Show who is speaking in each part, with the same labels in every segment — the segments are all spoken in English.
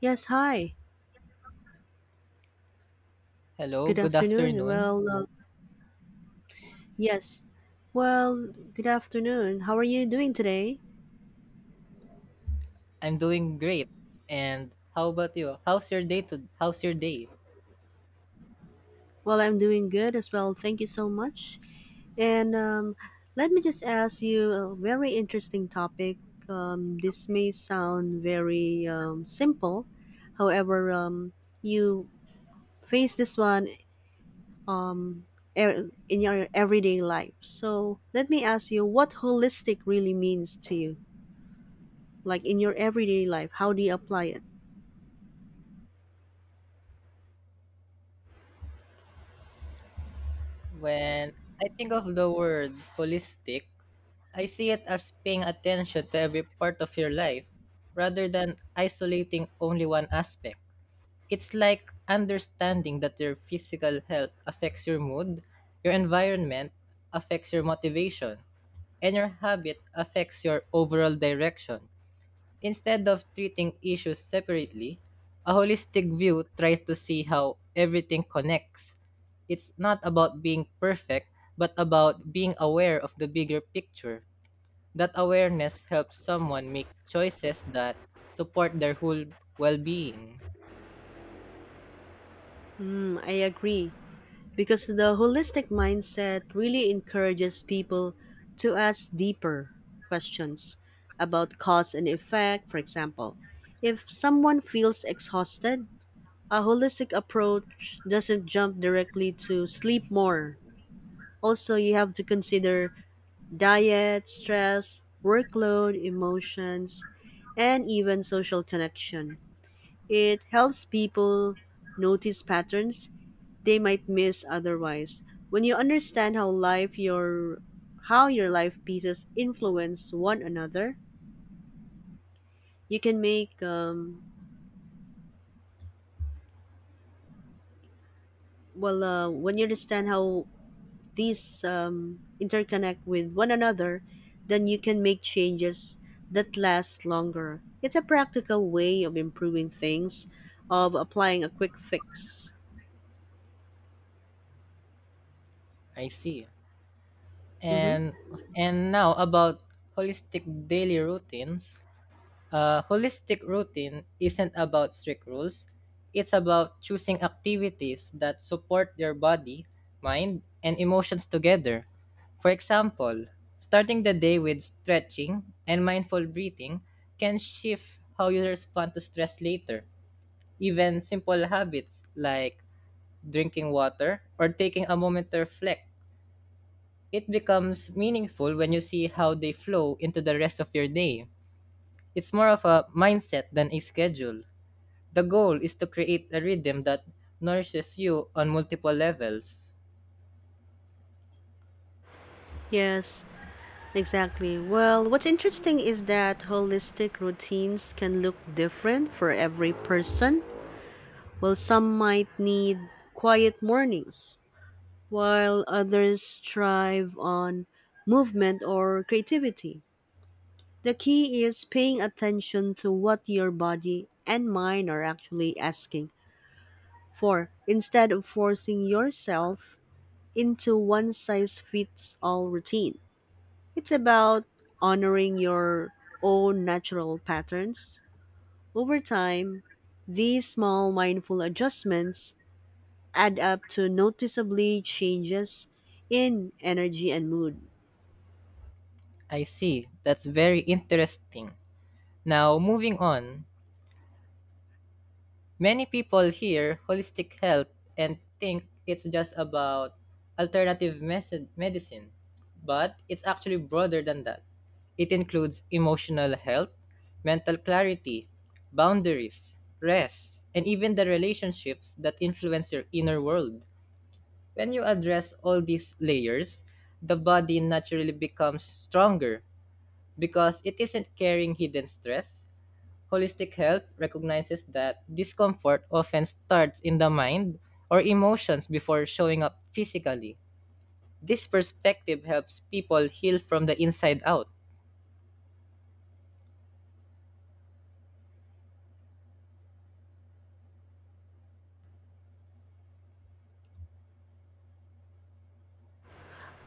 Speaker 1: Yes, hi.
Speaker 2: Hello,
Speaker 1: Good
Speaker 2: good
Speaker 1: afternoon.
Speaker 2: afternoon.
Speaker 1: Yes. Well, good afternoon. How are you doing today?
Speaker 2: I'm doing great. And how about you? How's your day?
Speaker 1: Well, I'm doing good as well. Thank you so much. And Let me just ask you a very interesting topic. This may sound very simple. However, you face this one in your everyday life. So let me ask you what holistic really means to you. Like in your everyday life, how do you apply it?
Speaker 2: When I think of the word holistic, I see it as paying attention to every part of your life rather than isolating only one aspect. It's like understanding that your physical health affects your mood, your environment affects your motivation, and your habit affects your overall direction. Instead of treating issues separately, a holistic view tries to see how everything connects. It's not about being perfect, but about being aware of the bigger picture. That awareness helps someone make choices that support their whole well-being.
Speaker 1: Mm, I agree. Because the holistic mindset really encourages people to ask deeper questions about cause and effect, for example. If someone feels exhausted, a holistic approach doesn't jump directly to sleep more. Also, you have to consider diet, stress, workload, emotions, and even social connection. It helps people notice patterns they might miss otherwise. When you understand how your life pieces influence one another, you can make well when you understand how these interconnect with one another, then you can make changes that last longer. It's a practical way of improving things, of applying a quick fix.
Speaker 2: I see.
Speaker 1: hmm
Speaker 2: And and now about holistic daily routines. A holistic routine isn't about strict rules, it's about choosing activities that support your body, mind, and emotions together. For example, starting the day with stretching and mindful breathing can shift how you respond to stress later. Even simple habits like drinking water or taking a moment to reflect. It becomes meaningful when you see how they flow into the rest of your day. It's more of a mindset than a schedule. The goal is to create a rhythm that nourishes you on multiple levels.
Speaker 1: Yes. Exactly. Well, what's interesting is that holistic routines can look different for every person. Well, some might need quiet mornings, while others thrive on movement or creativity. The key is paying attention to what your body and mind are actually asking for instead of forcing yourself into one size fits all routine. It's about honoring your own natural patterns. Over time, these small mindful adjustments add up to noticeably changes in energy and mood.
Speaker 2: I see. That's very interesting. Now, moving on. Many people hear holistic health and think it's just about medicine, but it's actually broader than that. It includes emotional health, mental clarity, boundaries, rest, and even the relationships that influence your inner world. When you address all these layers, the body naturally becomes stronger because it isn't carrying hidden stress. Holistic health recognizes that discomfort often starts in the mind or emotions before showing up physically. This perspective helps people heal from the inside out.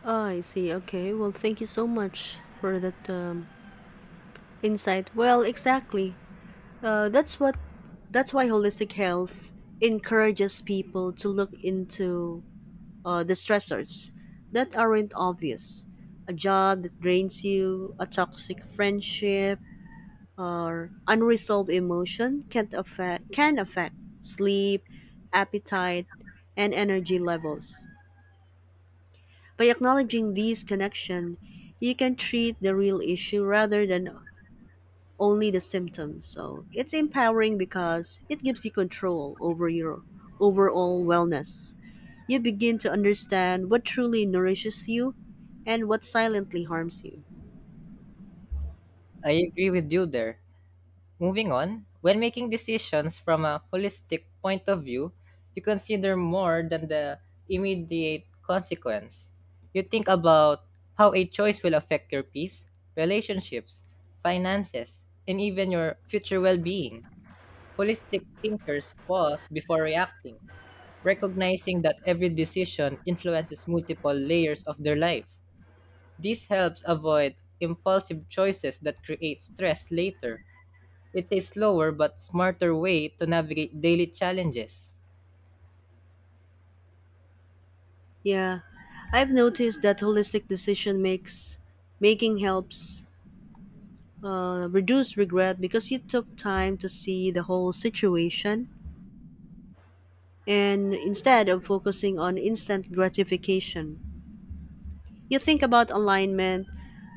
Speaker 1: Ah, I see. Okay. Well, thank you so much for that insight. Well, exactly. That's what. That's why holistic health encourages people to look into the stressors that aren't obvious. A job that drains you, a toxic friendship, or unresolved emotion can affect sleep, appetite, and energy levels. By acknowledging these connection, you can treat the real issue rather than only the symptoms. So it's empowering because it gives you control over your overall wellness. You begin to understand what truly nourishes you and what silently harms you.
Speaker 2: I agree with you there. Moving on, when making decisions from a holistic point of view, you consider more than the immediate consequence. You think about how a choice will affect your peace, relationships, finances, and even your future well being. Holistic thinkers pause before reacting, recognizing that every decision influences multiple layers of their life. This helps avoid impulsive choices that create stress later. It's a slower but smarter way to navigate daily challenges.
Speaker 1: Yeah, I've noticed that holistic decision makes making helps reduce regret because you took time to see the whole situation and instead of focusing on instant gratification. You think about alignment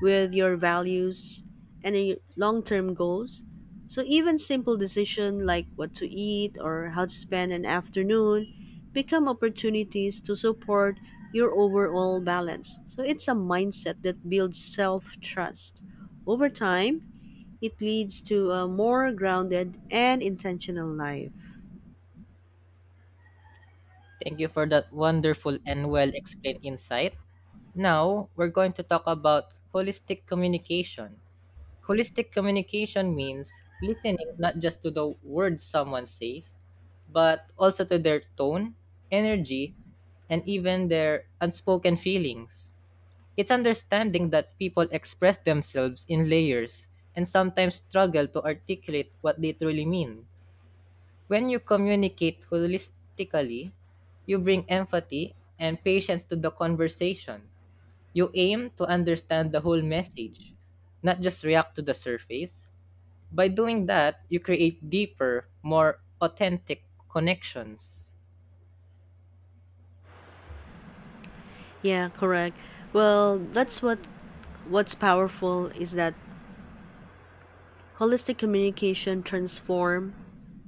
Speaker 1: with your values and your long-term goals. So even simple decision like what to eat or how to spend an afternoon become opportunities to support your overall balance. So it's a mindset that builds self-trust. Over time, it leads to a more grounded and intentional life.
Speaker 2: Thank you for that wonderful and well explained insight. Now, we're going to talk about holistic communication. Holistic communication means listening not just to the words someone says, but also to their tone, energy, and even their unspoken feelings. It's understanding that people express themselves in layers and sometimes struggle to articulate what they truly mean. When you communicate holistically, you bring empathy and patience to the conversation. You aim to understand the whole message, not just react to the surface. By doing that, you create deeper, more authentic connections.
Speaker 1: Yeah, correct. Well, that's what what's powerful is that holistic communication transform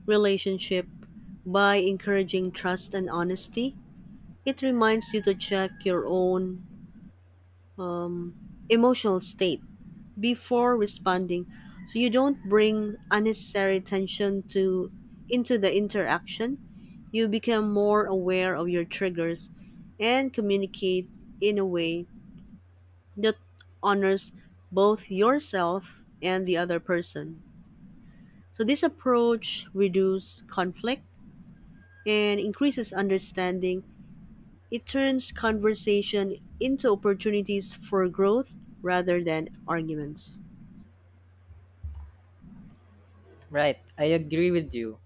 Speaker 1: relationship by encouraging trust and honesty. It reminds you to check your own emotional state before responding so you don't bring unnecessary tension to into the interaction. You become more aware of your triggers and communicate in a way that honors both yourself and the other person. So this approach reduces conflict and increases understanding, it turns conversation into opportunities for growth rather than arguments.
Speaker 2: Right, I agree with you.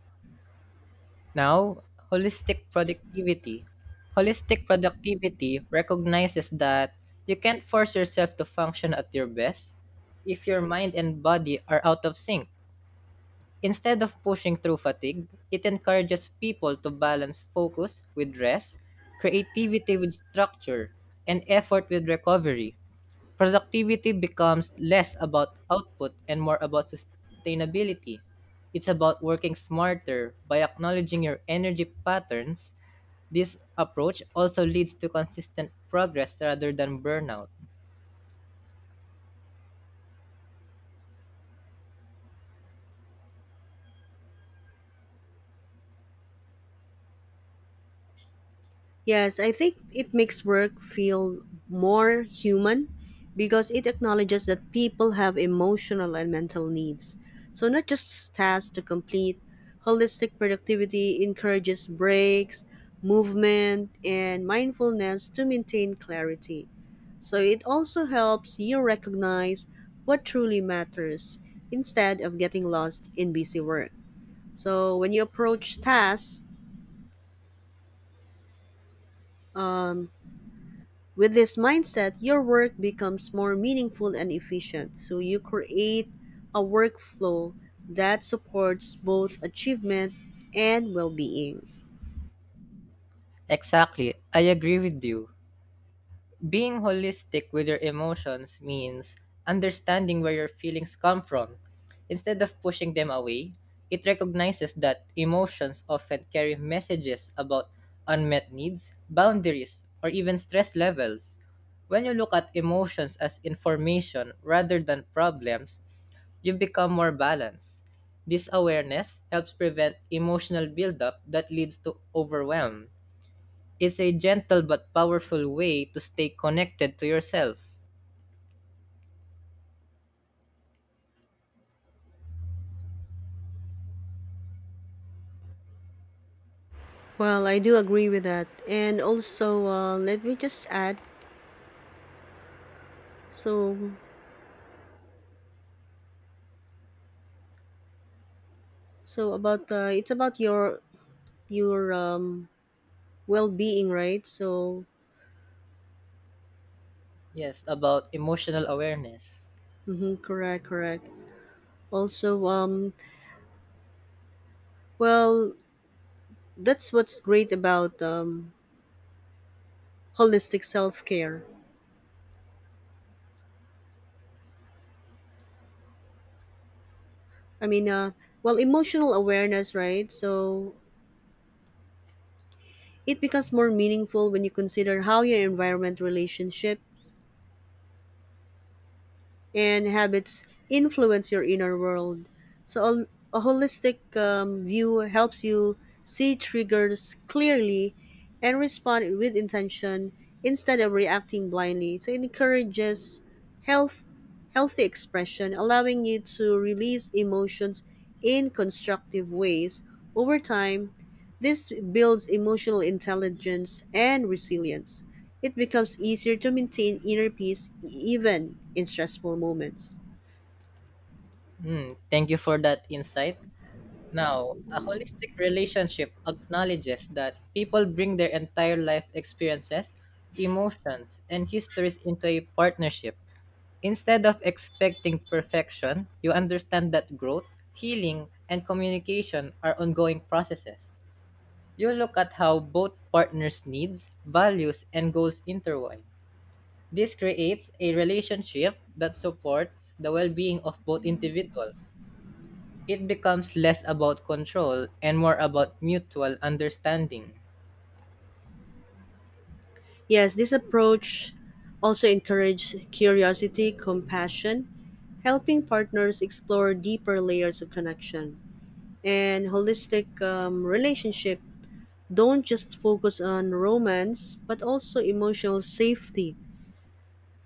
Speaker 2: Now, holistic productivity. Holistic productivity recognizes that you can't force yourself to function at your best if your mind and body are out of sync. Instead of pushing through fatigue, it encourages people to balance focus with rest, creativity with structure, and effort with recovery. Productivity becomes less about output and more about sustainability. It's about working smarter by acknowledging your energy patterns. This approach also leads to consistent progress rather than burnout.
Speaker 1: Yes, I think it makes work feel more human because it acknowledges that people have emotional and mental needs. So, not just tasks to complete, holistic productivity encourages breaks, movement, and mindfulness to maintain clarity. So it also helps you recognize what truly matters instead of getting lost in busy work. So when you approach tasks with this mindset, your work becomes more meaningful and efficient. So you create a workflow that supports both achievement and well-being.
Speaker 2: Exactly, I agree with you. Being holistic with your emotions means understanding where your feelings come from. Instead of pushing them away, it recognizes that emotions often carry messages about unmet needs, boundaries, or even stress levels. When you look at emotions as information rather than problems, you become more balanced. This awareness helps prevent emotional buildup that leads to overwhelm. It's a gentle but powerful way to stay connected to yourself.
Speaker 1: Well, I do agree with that. And also, let me just add. So, so, about it's about your well-being, right? So
Speaker 2: Yes, about emotional awareness.
Speaker 1: mm-hmm, correct, correct. Also, well, that's what's great about holistic self care. I mean, emotional awareness, right? So it becomes more meaningful when you consider how your environment, relationships, and habits influence your inner world. So, a holistic view helps you see triggers clearly and respond with intention instead of reacting blindly. So, it encourages health, healthy expression, allowing you to release emotions in constructive ways. Over time, this builds emotional intelligence and resilience. It becomes easier to maintain inner peace even in stressful moments.
Speaker 2: Mm, thank you for that insight. Now, a holistic relationship acknowledges that people bring their entire life experiences, emotions, and histories into a partnership. Instead of expecting perfection, you understand that growth, healing, and communication are ongoing processes. You look at how both partners' needs, values, and goals intertwine. This creates a relationship that supports the well being of both individuals. It becomes less about control and more about mutual understanding.
Speaker 1: Yes, this approach also encourages curiosity, compassion, helping partners explore deeper layers of connection. And holistic relationship don't just focus on romance, but also emotional safety,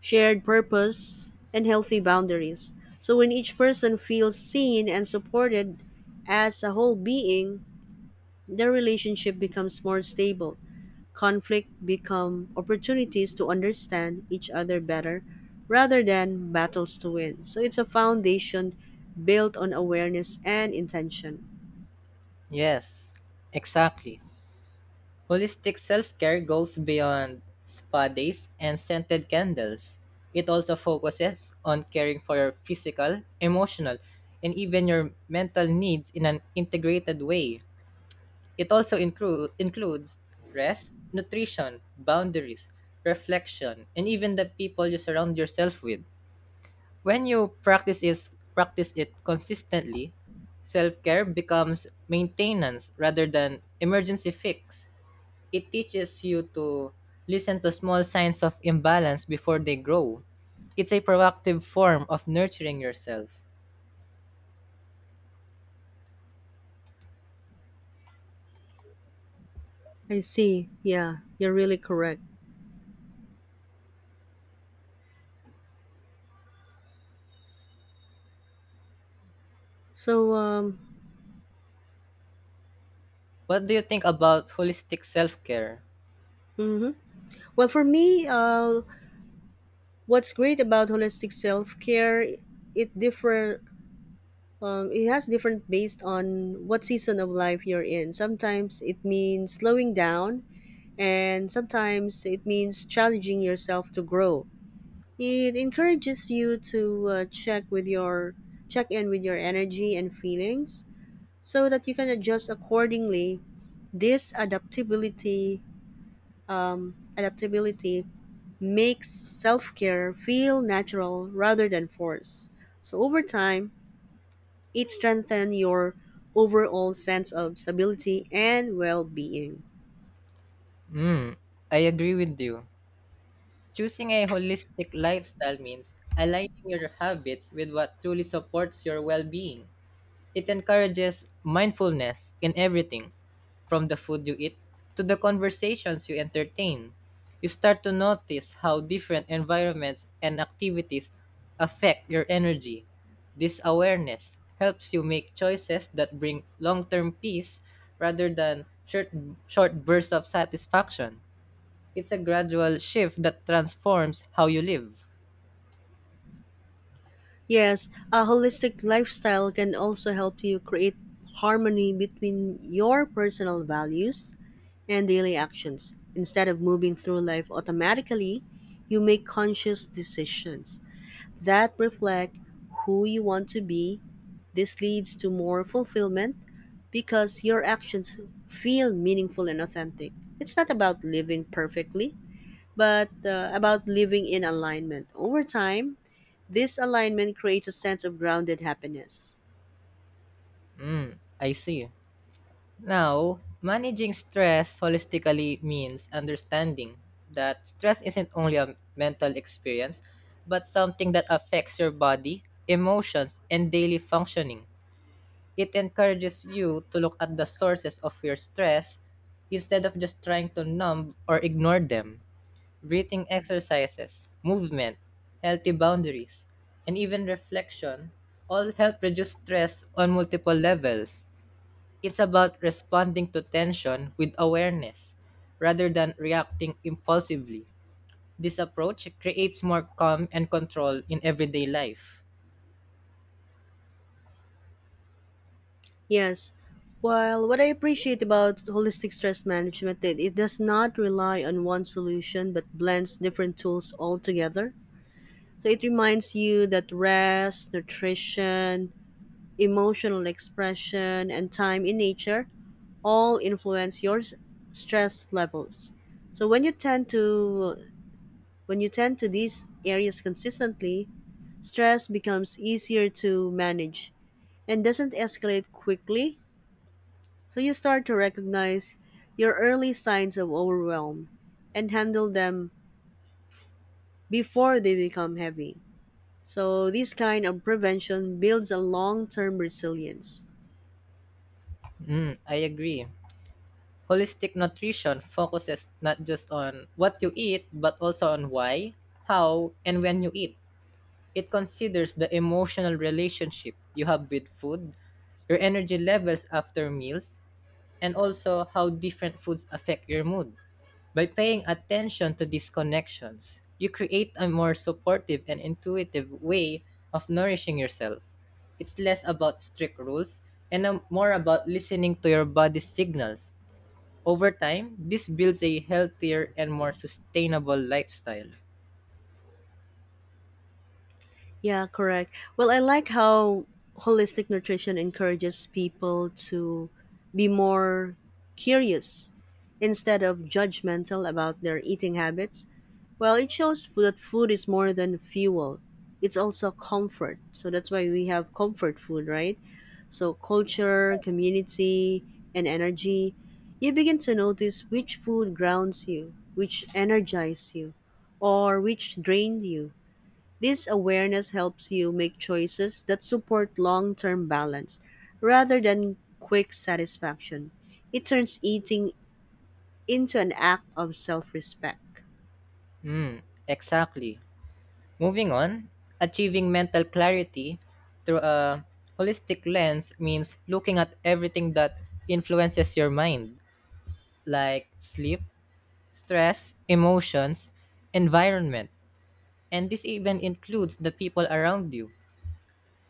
Speaker 1: shared purpose, and healthy boundaries. So when each person feels seen and supported as a whole being, the relationship becomes more stable. Conflict become opportunities to understand each other better rather than battles to win. So it's a foundation built on awareness and intention.
Speaker 2: Yes, exactly. Holistic self care goes beyond spa days and scented candles. It also focuses on caring for your physical, emotional, and even your mental needs in an integrated way. It also includes rest, nutrition, boundaries, reflection, and even the people you surround yourself with. When you practice it consistently, self-care becomes maintenance rather than emergency fix. It teaches you to listen to small signs of imbalance before they grow. It's a proactive form of nurturing yourself.
Speaker 1: I see. Yeah, you're really correct. So, um,
Speaker 2: What do you think about holistic self-care?
Speaker 1: mhm. Well, for me, what's great about holistic self care, it differ. It has different based on what season of life you're in. Sometimes it means slowing down and sometimes it means challenging yourself to grow. It encourages you to check in with your energy and feelings so that you can adjust accordingly. This adaptability makes self-care feel natural rather than forced. So over time, it strengthens your overall sense of stability and well-being.
Speaker 2: Hmm, I agree with you. Choosing a holistic lifestyle means aligning your habits with what truly supports your well being. It encourages mindfulness in everything, from the food you eat to the conversations you entertain. You start to notice how different environments and activities affect your energy. This awareness helps you make choices that bring long term peace rather than short bursts of satisfaction. It's a gradual shift that transforms how you live.
Speaker 1: Yes, a holistic lifestyle can also help you create harmony between your personal values and daily actions. Instead of moving through life automatically, you make conscious decisions that reflect who you want to be. This leads to more fulfillment because your actions feel meaningful and authentic. It's not about living perfectly, but about living in alignment. Over time, this alignment creates a sense of grounded happiness.
Speaker 2: Mm, I see. Now, managing stress holistically means understanding that stress isn't only a mental experience, but something that affects your body, emotions, and daily functioning. It encourages you to look at the sources of your stress instead of just trying to numb or ignore them. Breathing exercises, movement, healthy boundaries, and even reflection all help reduce stress on multiple levels. It's about responding to tension with awareness rather than reacting impulsively. This approach creates more calm and control in everyday life.
Speaker 1: Yes, while what I appreciate about holistic stress management that it does not rely on one solution but blends different tools all together. So it reminds you that rest, nutrition, emotional expression, and time in nature all influence your stress levels. So when you tend to these areas consistently, stress becomes easier to manage and doesn't escalate quickly, so you start to recognize your early signs of overwhelm and handle them before they become heavy. So, this kind of prevention builds a long term resilience.
Speaker 2: Mm, I agree. Holistic nutrition focuses not just on what you eat, but also on why, how, and when you eat. It considers the emotional relationship you have with food, your energy levels after meals, and also how different foods affect your mood. By paying attention to these connections, you create a more supportive and intuitive way of nourishing yourself. It's less about strict rules and more about listening to your body's signals. Over time, this builds a healthier and more sustainable lifestyle.
Speaker 1: Yeah, correct. Well, I like how holistic nutrition encourages people to be more curious instead of judgmental about their eating habits. Well, it shows that food is more than fuel. It's also comfort. So that's why we have comfort food, right? So culture, community, and energy. You begin to notice which food grounds you, which energizes you, or which drains you. This awareness helps you make choices that support long term balance rather than quick satisfaction. It turns eating into an act of self respect.
Speaker 2: Mm, exactly. Moving on, achieving mental clarity through a holistic lens means looking at everything that influences your mind, like sleep, stress, emotions, environment, and this even includes the people around you.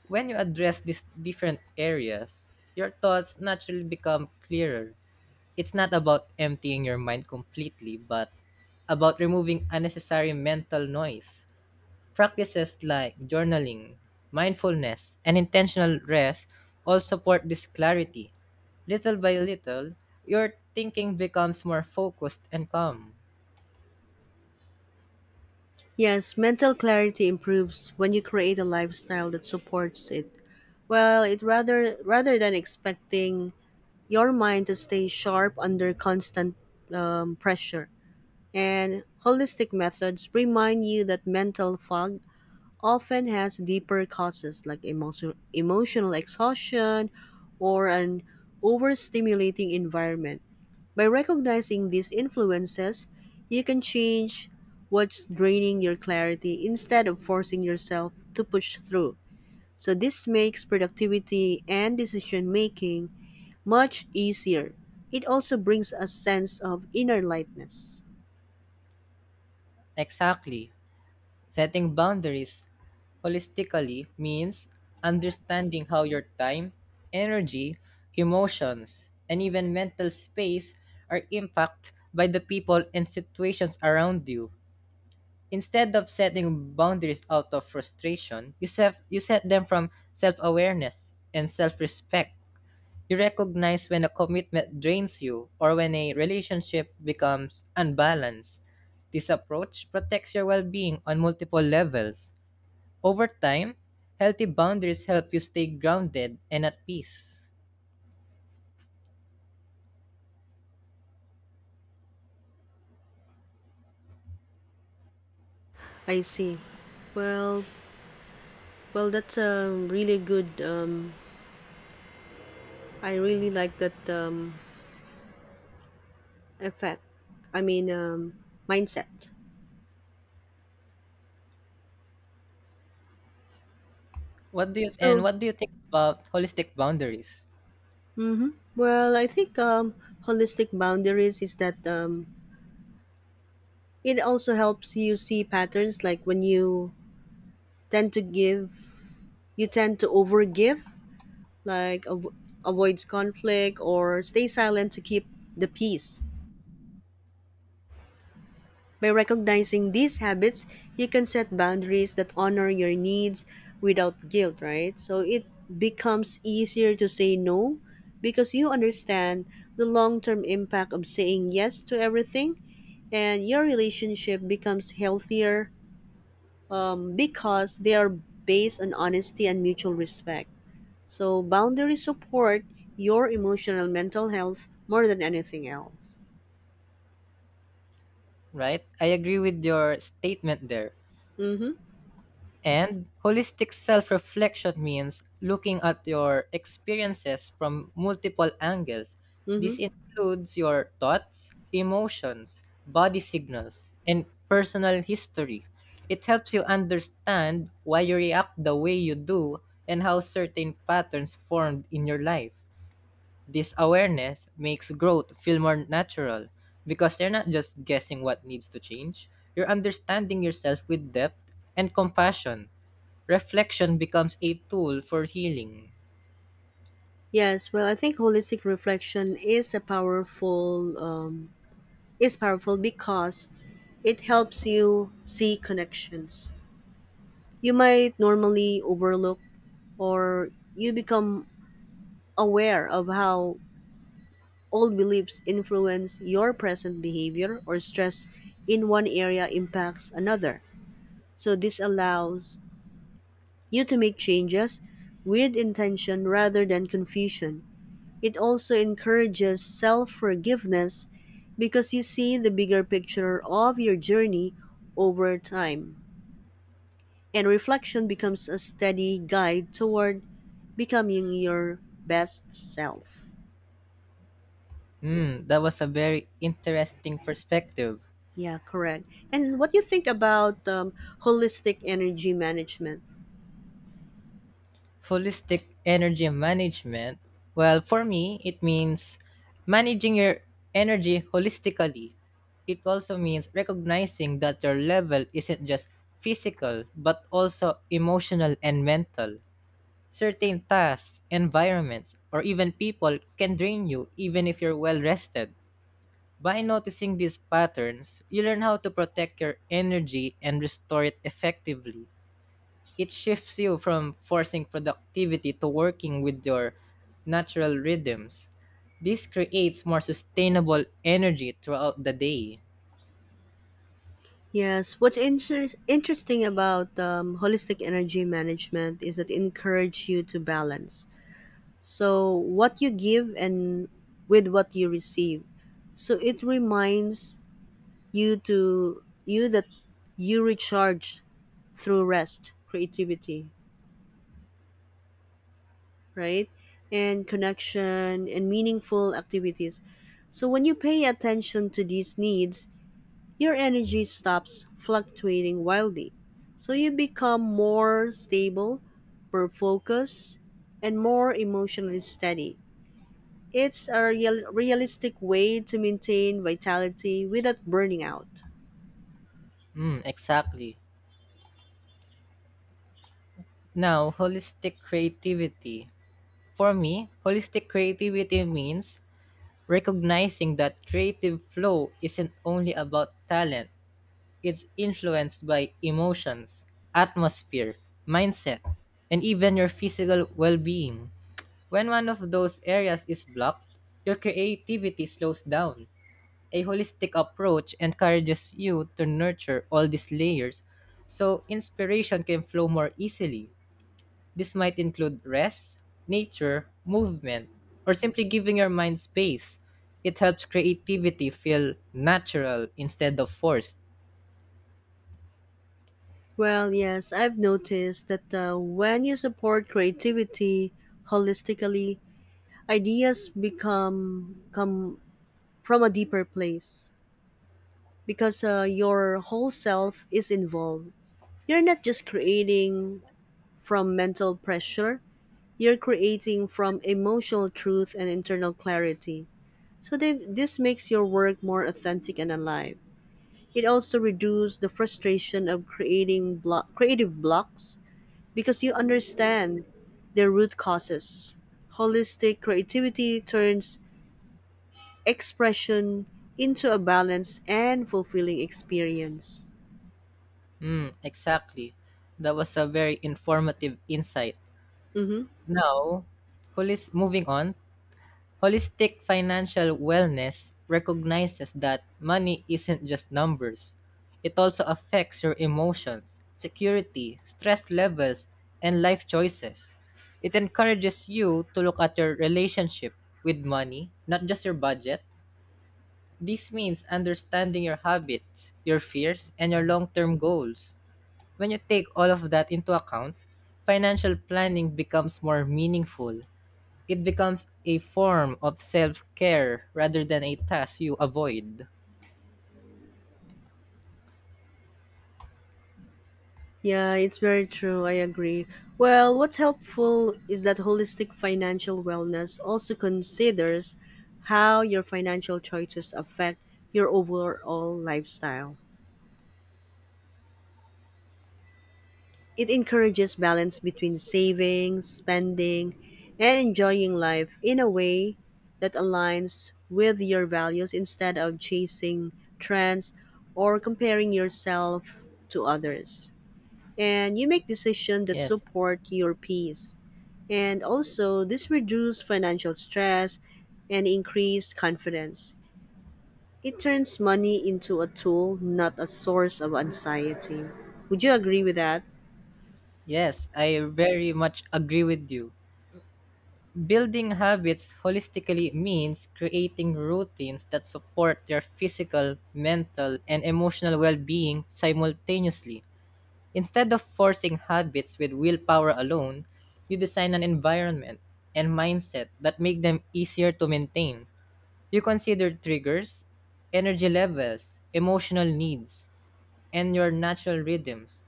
Speaker 2: When you address these different areas, your thoughts naturally become clearer. It's not about emptying your mind completely, but about removing unnecessary mental noise. Practices like journaling, mindfulness, and intentional rest all support this clarity. Little by little, your thinking becomes more focused and calm.
Speaker 1: Yes, mental clarity improves when you create a lifestyle that supports it. Well, it rather than expecting your mind to stay sharp under constant pressure. And holistic methods remind you that mental fog often has deeper causes like emotional exhaustion or an overstimulating environment. By recognizing these influences, you can change what's draining your clarity instead of forcing yourself to push through. So, this makes productivity and decision making much easier. It also brings a sense of inner lightness.
Speaker 2: Exactly. Setting boundaries holistically means understanding how your time, energy, emotions, and even mental space are impacted by the people and situations around you. Instead of setting boundaries out of frustration, you set them from self awareness and self respect. You recognize when a commitment drains you or when a relationship becomes unbalanced. This approach protects your well being on multiple levels. Over time, healthy boundaries help you stay grounded and at peace.
Speaker 1: I see. Well, well, that's a really good I really like that effect. I mean, um, mindset. So,
Speaker 2: What do you think about holistic boundaries?
Speaker 1: well, I think holistic boundaries is that it also helps you see patterns like when tend to give, you tend to overgive, like avoids conflict or stay silent to keep the peace. By recognizing these habits, you can set boundaries that honor your needs without guilt, right? So it becomes easier to say no because you understand the long term impact of saying yes to everything, and your relationship becomes healthier because they are based on honesty and mutual respect. So, boundaries support your emotional mental health more than anything else.
Speaker 2: Right? I agree with your statement there.
Speaker 1: Mm hmm.
Speaker 2: And holistic self reflection means looking at your experiences from multiple angles.
Speaker 1: Mm hmm.
Speaker 2: This includes your thoughts, emotions, body signals, and personal history. It helps you understand why you react the way you do and how certain patterns formed in your life. This awareness makes growth feel more natural because you're not just guessing what needs to change, you're understanding yourself with depth and compassion. Reflection becomes a tool for healing.
Speaker 1: Yes, well, I think holistic reflection is a powerful is powerful because it helps you see connections you might normally overlook, or you become aware of how old beliefs influence your present behavior, or stress in one area impacts another. So this allows you to make changes with intention rather than confusion. It also encourages self forgiveness because you see the bigger picture of your journey over time. And reflection becomes a steady guide toward becoming your best self.
Speaker 2: Hmm, that was a very interesting perspective.
Speaker 1: Yeah, correct. And what do you think about holistic energy management?
Speaker 2: Holistic energy management? Well, for me, it means managing your energy holistically. It also means recognizing that your level isn't just physical, but also emotional and mental. Certain tasks, environments, or even people can drain you even if you're well rested. By noticing these patterns, you learn how to protect your energy and restore it effectively. It shifts you from forcing productivity to working with your natural rhythms. This creates more sustainable energy throughout the day.
Speaker 1: Yes, what's interesting about holistic energy management is that it encourages you to balance. So, what you give and with what you receive. So, it reminds you that you recharge through rest, creativity, right? And connection and meaningful activities. So, when you pay attention to these needs, your energy stops fluctuating wildly. So, you become more stable, more focused, and more emotionally steady. It's a realistic way to maintain vitality without burning out.
Speaker 2: Mm, exactly. Now, holistic creativity. For me, holistic creativity means recognizing that creative flow isn't only about talent, it's influenced by emotions, atmosphere, mindset, and even your physical well being. When one of those areas is blocked, your creativity slows down. A holistic approach encourages you to nurture all these layers so inspiration can flow more easily. This might include rest, nature, movement, or simply giving your mind space. It helps creativity feel natural instead of forced.
Speaker 1: Well, yes, I've noticed that when you support creativity holistically, ideas become come from a deeper place because your whole self is involved. You're not just creating from mental pressure, you're creating from emotional truth and internal clarity. This makes your work more authentic and alive. It also reduces the frustration of creative blocks because you understand their root causes. Holistic creativity turns expression into a balanced and fulfilling experience.
Speaker 2: Mm, exactly. That was a very informative insight.
Speaker 1: Mm-hmm.
Speaker 2: Now, moving on. Holistic financial wellness recognizes that money isn't just numbers. It also affects your emotions, security, stress levels, and life choices. It encourages you to look at your relationship with money, not just your budget. This means understanding your habits, your fears, and your long term goals. When you take all of that into account, financial planning becomes more meaningful. It becomes a form of self-care rather than a task you avoid.
Speaker 1: Yeah, it's very true. I agree. Well, what's helpful is that holistic financial wellness also considers how your financial choices affect your overall lifestyle. It encourages balance between saving, spending, and enjoying life in a way that aligns with your values instead of chasing trends or comparing yourself to others. And you make decisions that
Speaker 2: Yes.
Speaker 1: support your peace. And also, this reduces financial stress and increase confidence. It turns money into a tool, not a source of anxiety. Would you agree with that?
Speaker 2: Yes, I very much agree with you. Building habits holistically means creating routines that support your physical, mental, and emotional well-being simultaneously. Instead of forcing habits with willpower alone, you design an environment and mindset that make them easier to maintain. You consider triggers, energy levels, emotional needs, and your natural rhythms.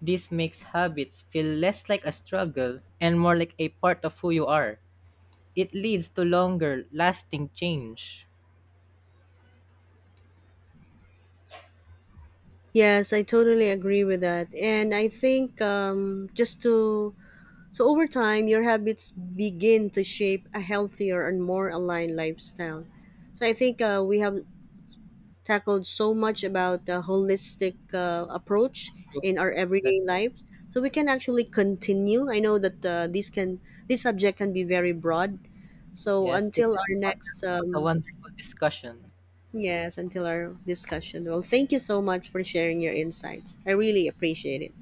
Speaker 2: This makes habits feel less like a struggle and more like a part of who you are. It leads to longer lasting change.
Speaker 1: Yes, I totally agree with that. And I think so over time, your habits begin to shape a healthier and more aligned lifestyle. So I think we have tackled so much about the holistic approach in our
Speaker 2: That
Speaker 1: everyday lives. So we can actually continue. I know that this subject can be very broad. So
Speaker 2: yes, it
Speaker 1: until
Speaker 2: is
Speaker 1: our next,
Speaker 2: a
Speaker 1: um,
Speaker 2: wonderful discussion.
Speaker 1: yes, until our discussion. Well, thank you so much for sharing your insights. I really appreciate it.